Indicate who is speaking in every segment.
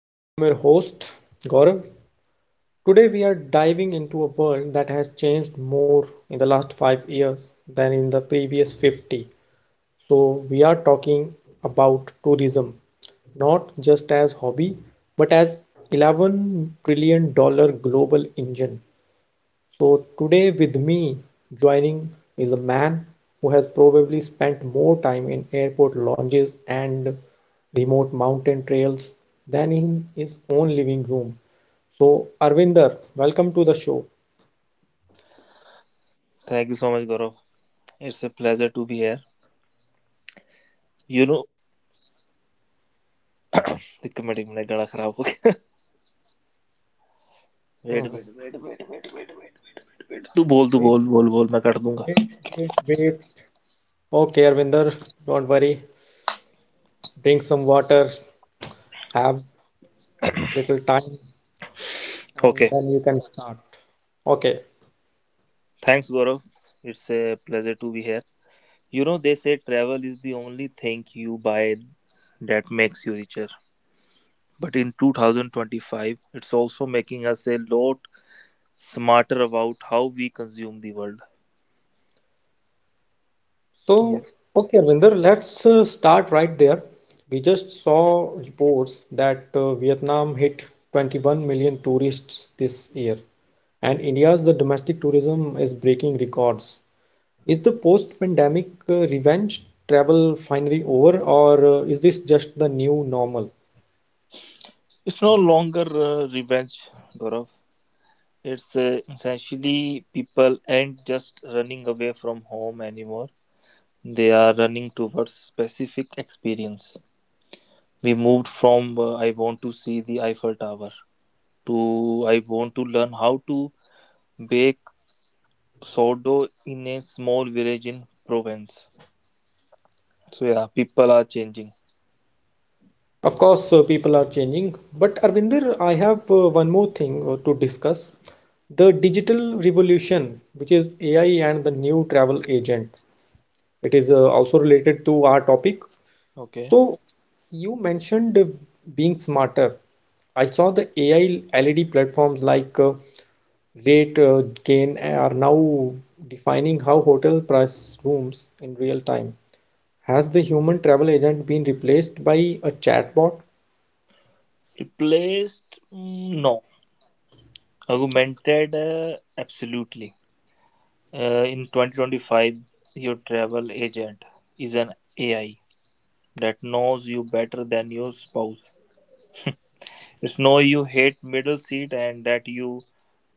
Speaker 1: And I am your host, Gaurav. Today, we are diving into a world that has changed more in the last 5 years than in the previous 50. So, we are talking about tourism, not just as hobby, but as $11 trillion global engine. So, today with me joining is a man who has probably spent more time in airport lounges and remote mountain trails than in his own living room. So, Arvinder, welcome to the show.
Speaker 2: Thank you so much, Gaurav. It's a pleasure to be here. You know, एक minute मेरा गला खराब हो गया wait
Speaker 1: Mhm.
Speaker 2: Wait wait wait wait wait wait wait तू
Speaker 1: Wait,
Speaker 2: बोल बोल बोल मैं कट दूंगा
Speaker 1: wait, wait, wait. Okay, Arvinder, don't worry. Drink some water, have little time, and
Speaker 2: okay
Speaker 1: then you can start. Okay.
Speaker 2: Thanks Gaurav it's a pleasure to be here you know they say travel is the only thing you buy that makes you richer. But in 2025, it's also making us a lot smarter about how we consume the world.
Speaker 1: So,
Speaker 2: Yes.
Speaker 1: okay, Arvinder, let's start right there. We just saw reports that Vietnam hit 21 million tourists this year, and India's domestic tourism is breaking records. Is the post-pandemic revenge travel finally over, or is this just the new normal?
Speaker 2: It's no longer revenge, Gaurav. It's essentially people aren't just running away from home anymore. They are running towards specific experience. We moved from I want to see the Eiffel Tower to I want to learn how to bake sourdough in a small village in Provence. So yeah, people are changing.
Speaker 1: Of course, people are changing, but Arvinder, I have one more thing to discuss. The digital revolution, which is AI and the new travel agent. It is also related to our topic.
Speaker 2: Okay.
Speaker 1: So, you mentioned being smarter. I saw the AI LED platforms like Rate, Gain are now defining how hotel price rooms in real time. Has the human travel agent been replaced by a chatbot?
Speaker 2: Replaced? Mm, no. Augmented? Absolutely. In 2025, your travel agent is an AI that knows you better than your spouse. It's know you hate middle seat and that you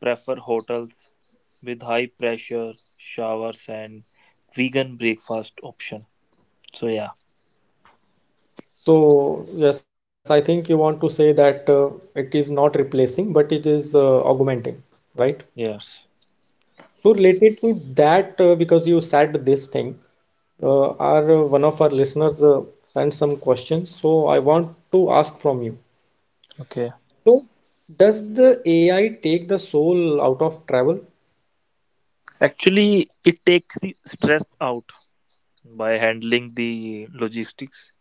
Speaker 2: prefer hotels with high pressure showers and vegan breakfast option. So yeah,
Speaker 1: So, yes, I think you want to say that it is not replacing, but it is augmenting, right?
Speaker 2: yes.
Speaker 1: So related to that, because you said this thing, our one of our listeners sent some questions. So I want to ask from you.
Speaker 2: Okay.
Speaker 1: So does the AI take the soul out of travel?
Speaker 2: Actually, it takes the stress out by handling the logistics,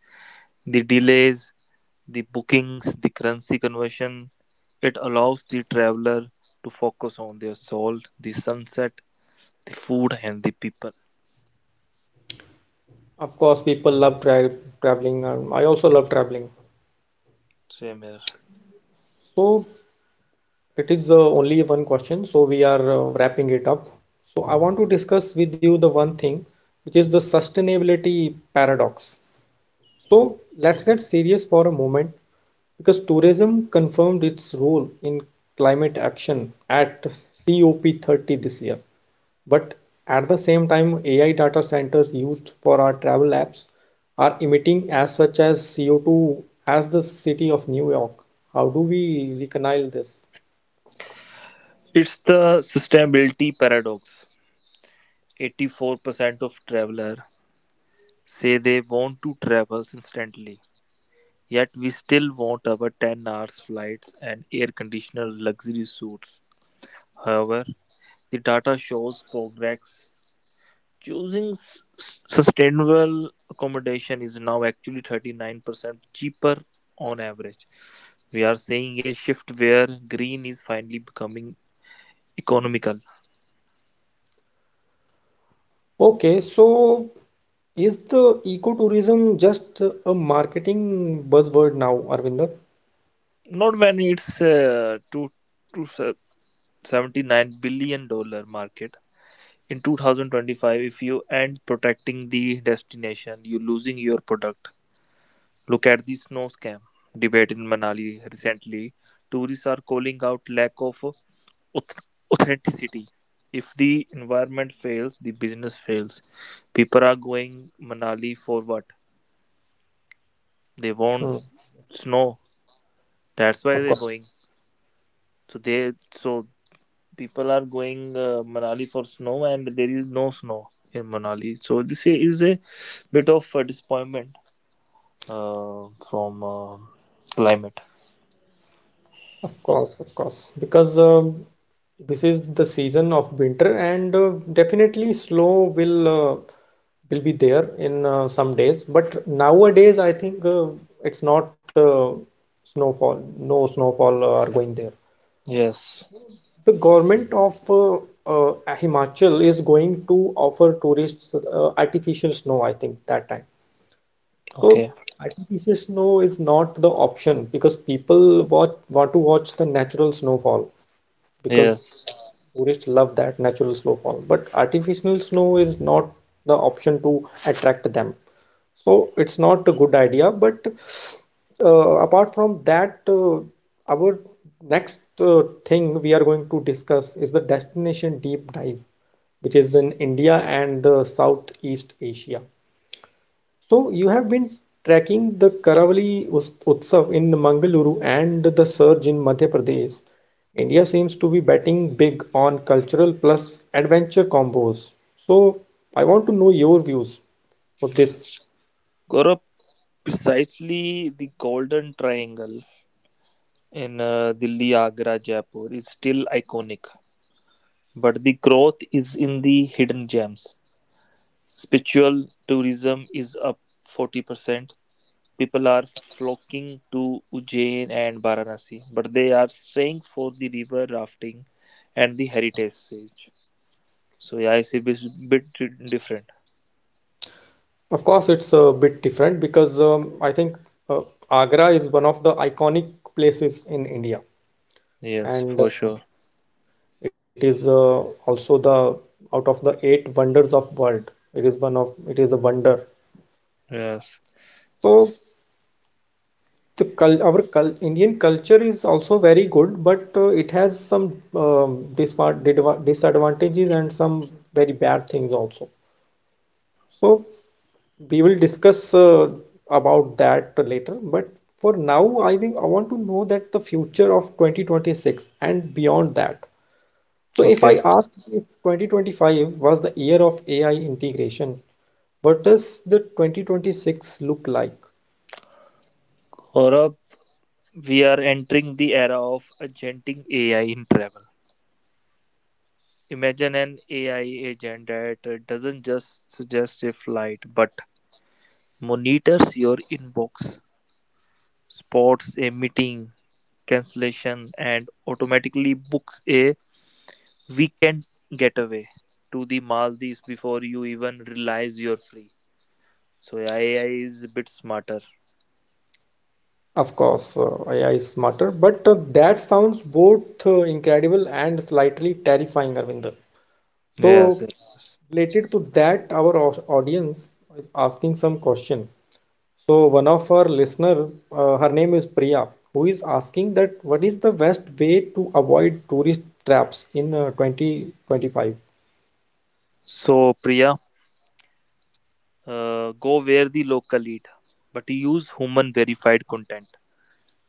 Speaker 2: the delays, the bookings, the currency conversion. It allows the traveler to focus on their soul, the sunset, the food, and the people.
Speaker 1: Of course, people love traveling. I also love traveling.
Speaker 2: Same here.
Speaker 1: So it is only one question. So we are wrapping it up. So I want to discuss with you the one thing, which is the sustainability paradox. So let's get serious for a moment because tourism confirmed its role in climate action at COP30 this year. But at the same time, AI data centers used for our travel apps are emitting as such as CO2 as the city of New York. How do we reconcile this?
Speaker 2: It's the sustainability paradox. 84% of travelers say they want to travel instantly, yet we still want our 10 hours flights and air conditioned luxury suites. However, the data shows progress. Choosing sustainable accommodation is now actually 39% cheaper on average. We are seeing a shift where green is finally becoming economical.
Speaker 1: Okay, so is the ecotourism just a marketing buzzword now, Arvinder?
Speaker 2: Not when it's two two seventy nine billion dollar market in 2025. If you end protecting the destination, you losing your product. Look at the snow scam debate in Manali recently. Tourists are calling out lack of auth- authenticity. If the environment fails, the business fails. People are going Manali for what they want.
Speaker 1: Hmm,
Speaker 2: Snow. That's why
Speaker 1: of
Speaker 2: they're
Speaker 1: course.
Speaker 2: going. So they so people are going Manali for snow, and there is no snow in Manali. So this is a bit of a disappointment from climate.
Speaker 1: Of course, of course, because this is the season of winter, and definitely snow will will be there in some days. But nowadays, I think it's not snowfall. No snowfall are going there.
Speaker 2: Yes.
Speaker 1: The government of uh, Himachal is going to offer tourists artificial snow. I think that time. So
Speaker 2: Okay.
Speaker 1: artificial snow is not the option because people want to watch the natural snowfall, because
Speaker 2: Yes.
Speaker 1: tourists love that natural snowfall, but artificial snow is not the option to attract them. So it's not a good idea. But apart from that, our next thing we are going to discuss is the destination deep dive, which is in India and the Southeast Asia. So you have been tracking the Karavali Utsav in Mangaluru and the surge in Madhya Pradesh. India seems to be betting big on cultural plus adventure combos. So I want to know your views of this.
Speaker 2: Gaurav, precisely the Golden Triangle in Delhi, Agra, Jaipur is still iconic, but the growth is in the hidden gems. Spiritual tourism is up 40%. People are flocking to Ujjain and Varanasi, but they are staying for the river rafting and the heritage siege. So yeah, it's a bit different.
Speaker 1: Of course, it's a bit different because I think uh, Agra is one of the iconic places in India,
Speaker 2: Yes,
Speaker 1: and
Speaker 2: for sure.
Speaker 1: it is also the out of the eight wonders of world. It is one of it is a wonder.
Speaker 2: Yes.
Speaker 1: So the cul our cul Indian culture is also very good, but it has some um, disadvantages and some very bad things also. So we will discuss about that later. But for now, I think I want to know that the future of 2026 and beyond that. So if I
Speaker 2: Okay.
Speaker 1: ask if 2025 was the year of AI integration, what does the 2026 look like?
Speaker 2: Gaurav, we are entering the era of agenting AI in travel. Imagine an AI agent that doesn't just suggest a flight but monitors your inbox, spots a meeting, cancellation and automatically books a weekend getaway to the Maldives before you even realize you're free. So yeah, AI is a bit smarter.
Speaker 1: Of course, AI is smarter, but that sounds both incredible and slightly terrifying, Arvinder.
Speaker 2: Yes.
Speaker 1: So,
Speaker 2: Yes.
Speaker 1: related to that, our audience is asking some question. So, one of our listener, her name is Priya, who is asking that what is the best way to avoid tourist traps in 2025?
Speaker 2: So Priya, go where the local eat, but use human verified content.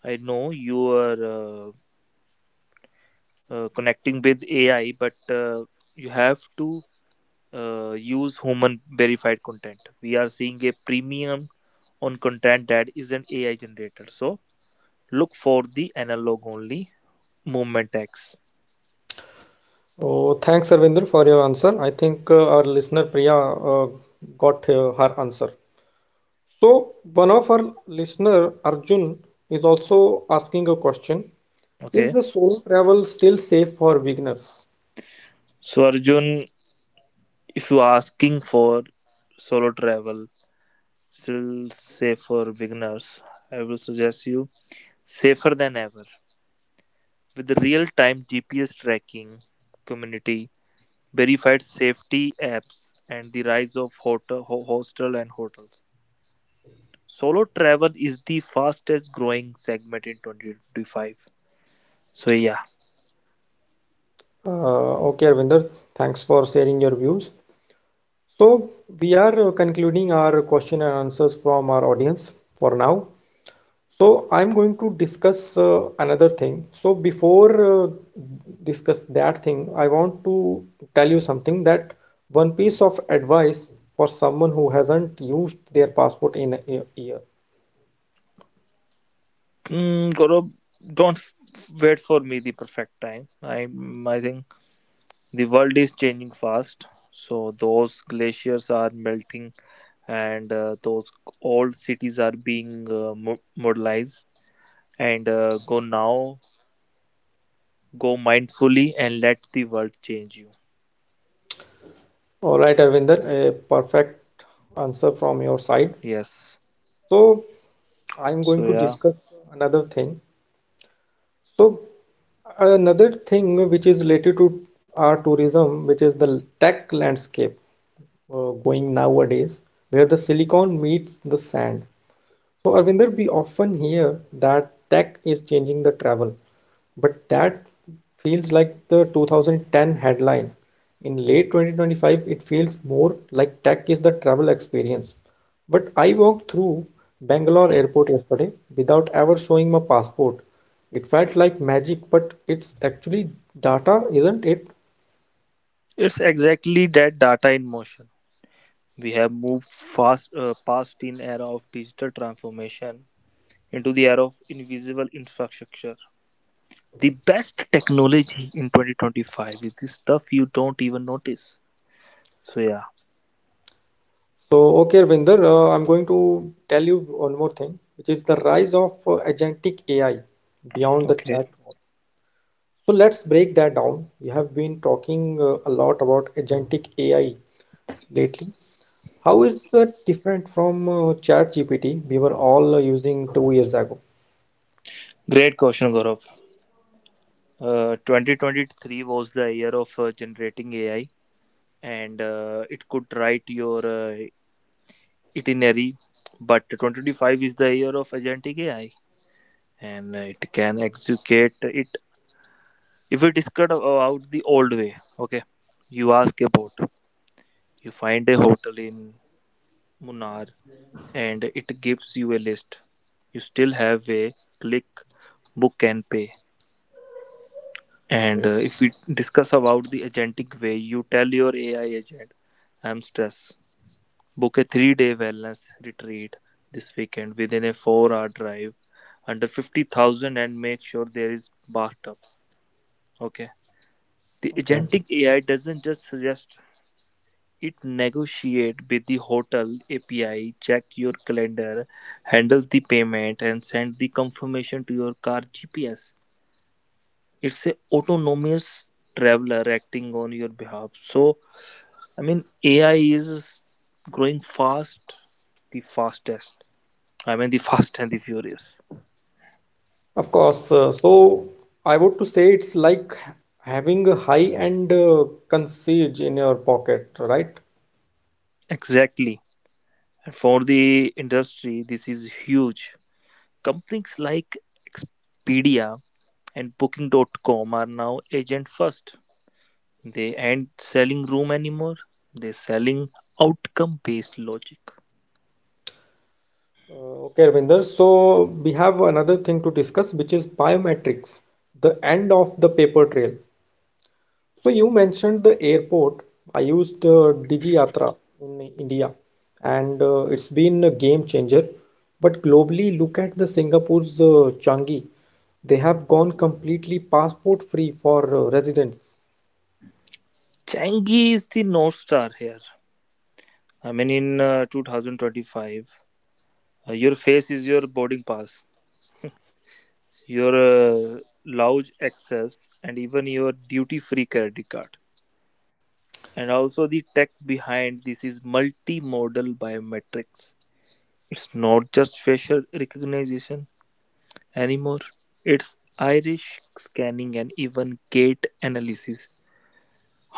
Speaker 2: I know you are connecting with AI, but you have to use human verified content. We are seeing a premium on content that is an AI generator. So look for the analog only movement tags.
Speaker 1: So, thanks, Arvinder, for your answer. I think our listener Priya got her answer. So, one of our listener, Arjun, is also asking a question. Is
Speaker 2: Okay.
Speaker 1: the solo travel still safe for beginners?
Speaker 2: So Arjun, if you are asking for solo travel, still safe for beginners, I will suggest you safer than ever with real time GPS tracking community, verified safety apps, and the rise of hotel, hostel and hotels. Solo travel is the fastest growing segment in 2025. So yeah,
Speaker 1: Okay, Arvinder, thanks for sharing your views. So, we are concluding our question and answers from our audience for now. So, I'm going to discuss another thing. So, before uh, discuss that thing, I want to tell you something that one piece of advice for someone who hasn't used their passport in a year.
Speaker 2: Gaurav, don't wait for me the perfect time. I think the world is changing fast. So those glaciers are melting, and those old cities are being modernized. And go now, go mindfully, and let the world change you.
Speaker 1: All right, Arvinder, a perfect answer from your side.
Speaker 2: Yes.
Speaker 1: So, I'm
Speaker 2: So
Speaker 1: going to
Speaker 2: yeah,
Speaker 1: discuss
Speaker 2: world
Speaker 1: another
Speaker 2: is
Speaker 1: thing.
Speaker 2: changing.
Speaker 1: So, another thing which is related to our tourism, which is the tech landscape going nowadays, where the silicon meets the sand. So, Arvinder, we often hear that tech is changing the travel, but that feels like the 2010 headline. In late 2025, it feels more like tech is the travel experience. But I walked through Bangalore airport yesterday without ever showing my passport. It felt like magic, but it's actually data, isn't it?
Speaker 2: It's exactly that data in motion. We have moved fast past in era of digital transformation into the era of invisible infrastructure. The best technology in 2025 is the stuff you don't even notice. So yeah,
Speaker 1: So, okay, Arvinder, I'm going to tell you one more thing, which is the rise of agentic AI beyond the
Speaker 2: okay.
Speaker 1: chat. So let's break that down. We have been talking a lot about agentic AI lately. How is that different from ChatGPT we were all using 2 years ago?
Speaker 2: Great question, Gaurav. 2023 was the year of generating AI, and it could write your itinerary. But 2025 is the year of agentic AI, and it can execute it. If we discuss about the old way, okay, you ask about, you find a hotel in Munnar and it gives you a list. You still have a click, book, and pay. And
Speaker 1: Okay.
Speaker 2: if we discuss about the agentic way, you tell your AI agent, I'm stressed. Book a 3-day wellness retreat this weekend within a 4-hour drive under 50,000 and make sure there is bathtub. Okay. The
Speaker 1: Okay.
Speaker 2: agentic AI doesn't just suggest. It negotiates with the hotel API, check your calendar, handles the payment, and send the confirmation to your car GPS. It's a autonomous traveler acting on your behalf. So, I mean, AI is growing fast, the fastest. I mean, the fast and the furious.
Speaker 1: Of course. So I would to say it's like having a high-end concierge in your pocket, right?
Speaker 2: Exactly. And for the industry, this is huge. Companies like Expedia and Booking.com are now agent first. They ain't selling room anymore. They're selling outcome-based logic.
Speaker 1: Okay, Ravinder. So we have another thing to discuss, which is biometrics, the end of the paper trail. So you mentioned the airport. I used DigiYatra in India, and it's been a game changer. But globally, look at the Singapore's Changi. They have gone completely passport free for residents.
Speaker 2: Changi is the North Star here. I mean, in 2025, your face is your boarding pass, your lounge access, and even your duty free credit card. And also, the tech behind this is multimodal biometrics. It's not just facial recognition anymore, it's iris scanning and even gait analysis.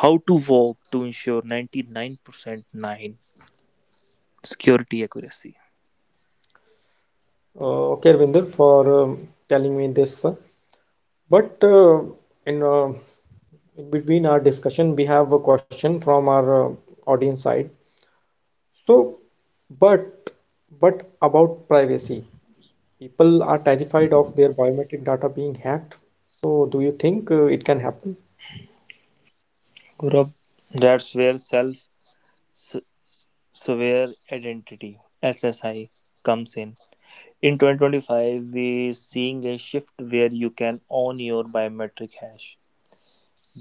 Speaker 2: How to walk to ensure 99.9 security accuracy.
Speaker 1: Okay, Ravinder, for telling me this. But in uh, in between our discussion, we have a question from our audience side. So, but but about privacy. People are terrified of their biometric data being hacked. So, do you think it can happen?
Speaker 2: Gaurav, that's where self aware identity SSI comes in. In 2025, we're seeing a shift where you can own your biometric hash.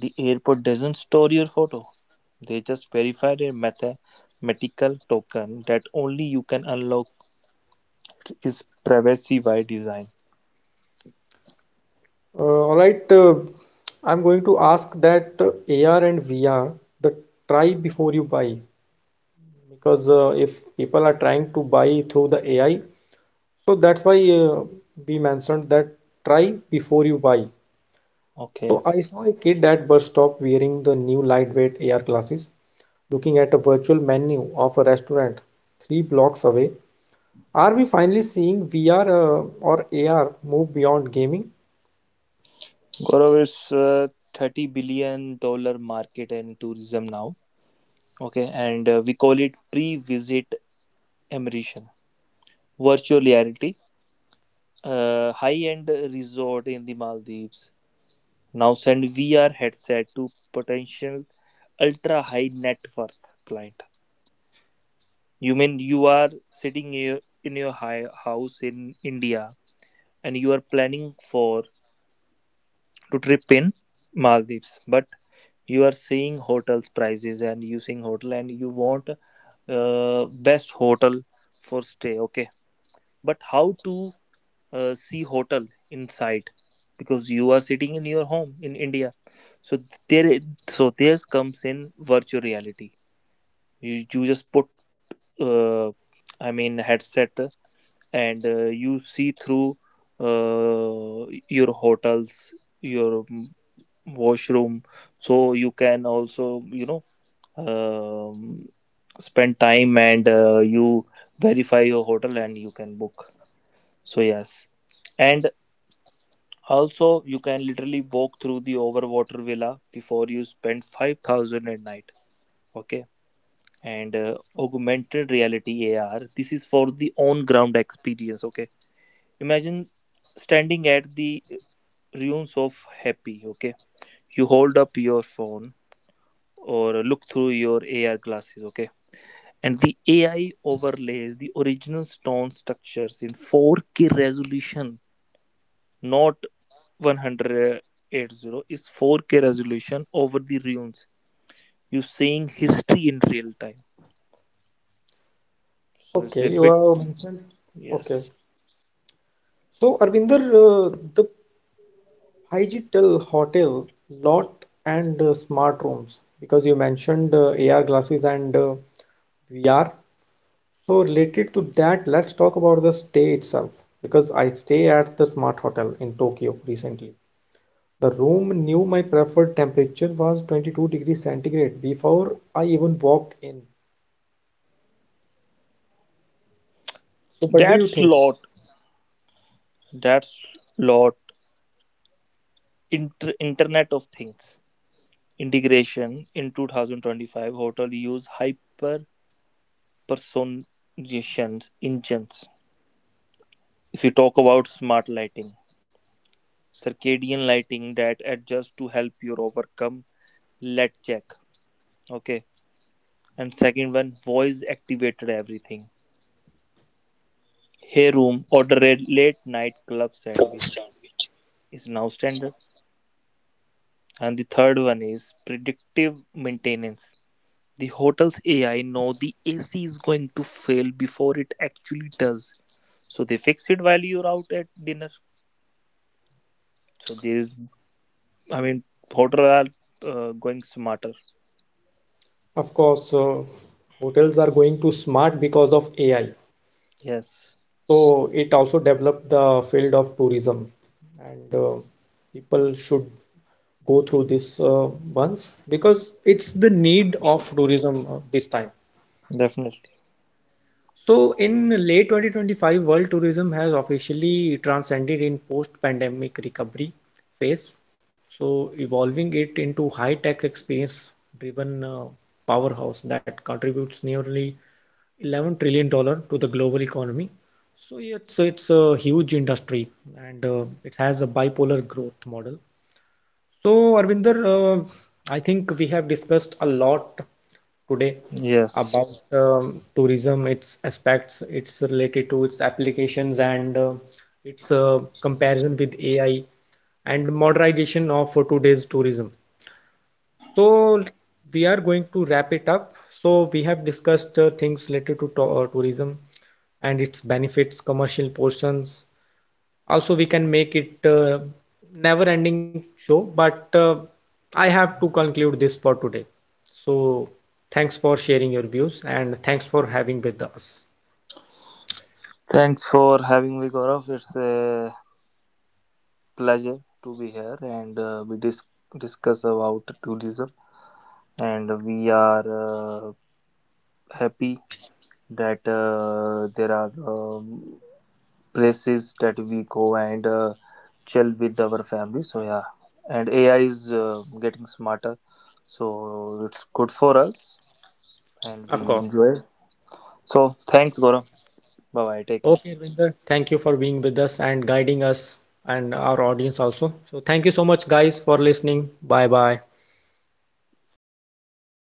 Speaker 2: The airport doesn't store your photo, they just verify a mathematical token that only you can unlock. It is privacy by design.
Speaker 1: All right, I'm going to ask that AR and VR, the try before you buy, because if people are trying to buy through the AI, so that's why we mentioned that try before you buy.
Speaker 2: Okay.
Speaker 1: So, I saw a kid at bus stop wearing the new lightweight AR glasses, looking at a virtual menu of a restaurant three blocks away. Are we finally seeing VR or AR move beyond gaming?
Speaker 2: Gaurav, it's a $30 billion market in tourism now. Okay, and we call it pre-visit immersion, virtual reality, high-end resort in the Maldives. Now send VR headset to potential ultra-high net worth client. You mean you are sitting here in your high house in India and you are planning for to trip in Maldives, but you are seeing hotels prices and using hotel and you want best hotel for stay. Okay, but how to see hotel inside, because you are sitting in your home in India, so there so this comes in virtual reality. You just put uh, I mean headset and you see through uh, your hotels, your washroom. So you can also um, spend time and you verify your hotel and you can book. So yes. And also, you can literally walk through the overwater villa before you spend 5,000 at night. Okay. And augmented reality, AR, this is for the on ground experience. Okay, imagine standing at the ruins of happy. Okay, you hold up your phone or look through your AR glasses, okay? And the AI overlays the original stone structures in 4K resolution, not 180, is 4K resolution over the ruins. You're seeing history in real time. So it's
Speaker 1: Okay,
Speaker 2: a
Speaker 1: you
Speaker 2: bit,
Speaker 1: have mentioned. Okay.
Speaker 2: yes.
Speaker 1: So, Arvinder, the digital hotel lot and smart rooms, because you mentioned AR glasses and VR. So, related to that, let's talk about the stay itself, because I stay at the smart hotel in Tokyo recently. The room knew my preferred temperature was 22 degrees centigrade before I even walked in. So, what do you
Speaker 2: That's
Speaker 1: think?
Speaker 2: lot, that's lot. Internet of Things integration in 2025, hotel use hyper personalizations engines. If you talk about smart lighting, circadian lighting that adjusts to help you overcome let check. Okay. And second one, voice activated everything. Hey room order a late night club sandwich is now standard. And the third one is predictive maintenance. The hotel's AI know the AC is going to fail before it actually does. So they fix it while you're out at dinner. So there is I mean hotel are going smarter.
Speaker 1: Of course, hotels are going to smart because of AI.
Speaker 2: Yes.
Speaker 1: So, it also developed the field of tourism, and people should go through this once because it's the need of tourism this time.
Speaker 2: Definitely.
Speaker 1: So, in late 2025, world tourism has officially transcended in post-pandemic recovery phase. So, evolving it into high-tech experience-driven powerhouse that contributes nearly $11 trillion to the global economy. So yeah, it's a huge industry, and it has a bipolar growth model. So Arvinder, I think we have discussed a lot today
Speaker 2: Yes.
Speaker 1: about tourism, its aspects, it's related to its applications, and its comparison with AI and modernization of today's tourism. So we are going to wrap it up. So we have discussed things related to tourism and its benefits, commercial portions. Also, we can make it never-ending show, but I have to conclude this for today. So thanks for sharing your views and thanks for having with us.
Speaker 2: Thanks for having me, Gaurav. It's a pleasure to be here and we discuss about tourism. And we are happy that there are places that we go and chill with our family. So, yeah. And AI is getting smarter. So, it's good for us and we
Speaker 1: Of course.
Speaker 2: enjoy. So, thanks, Gaurav. Bye bye. Take care.
Speaker 1: Okay, Arvinder, thank you for being with us and guiding us and our audience also. So thank you so much, guys, for listening. Bye bye.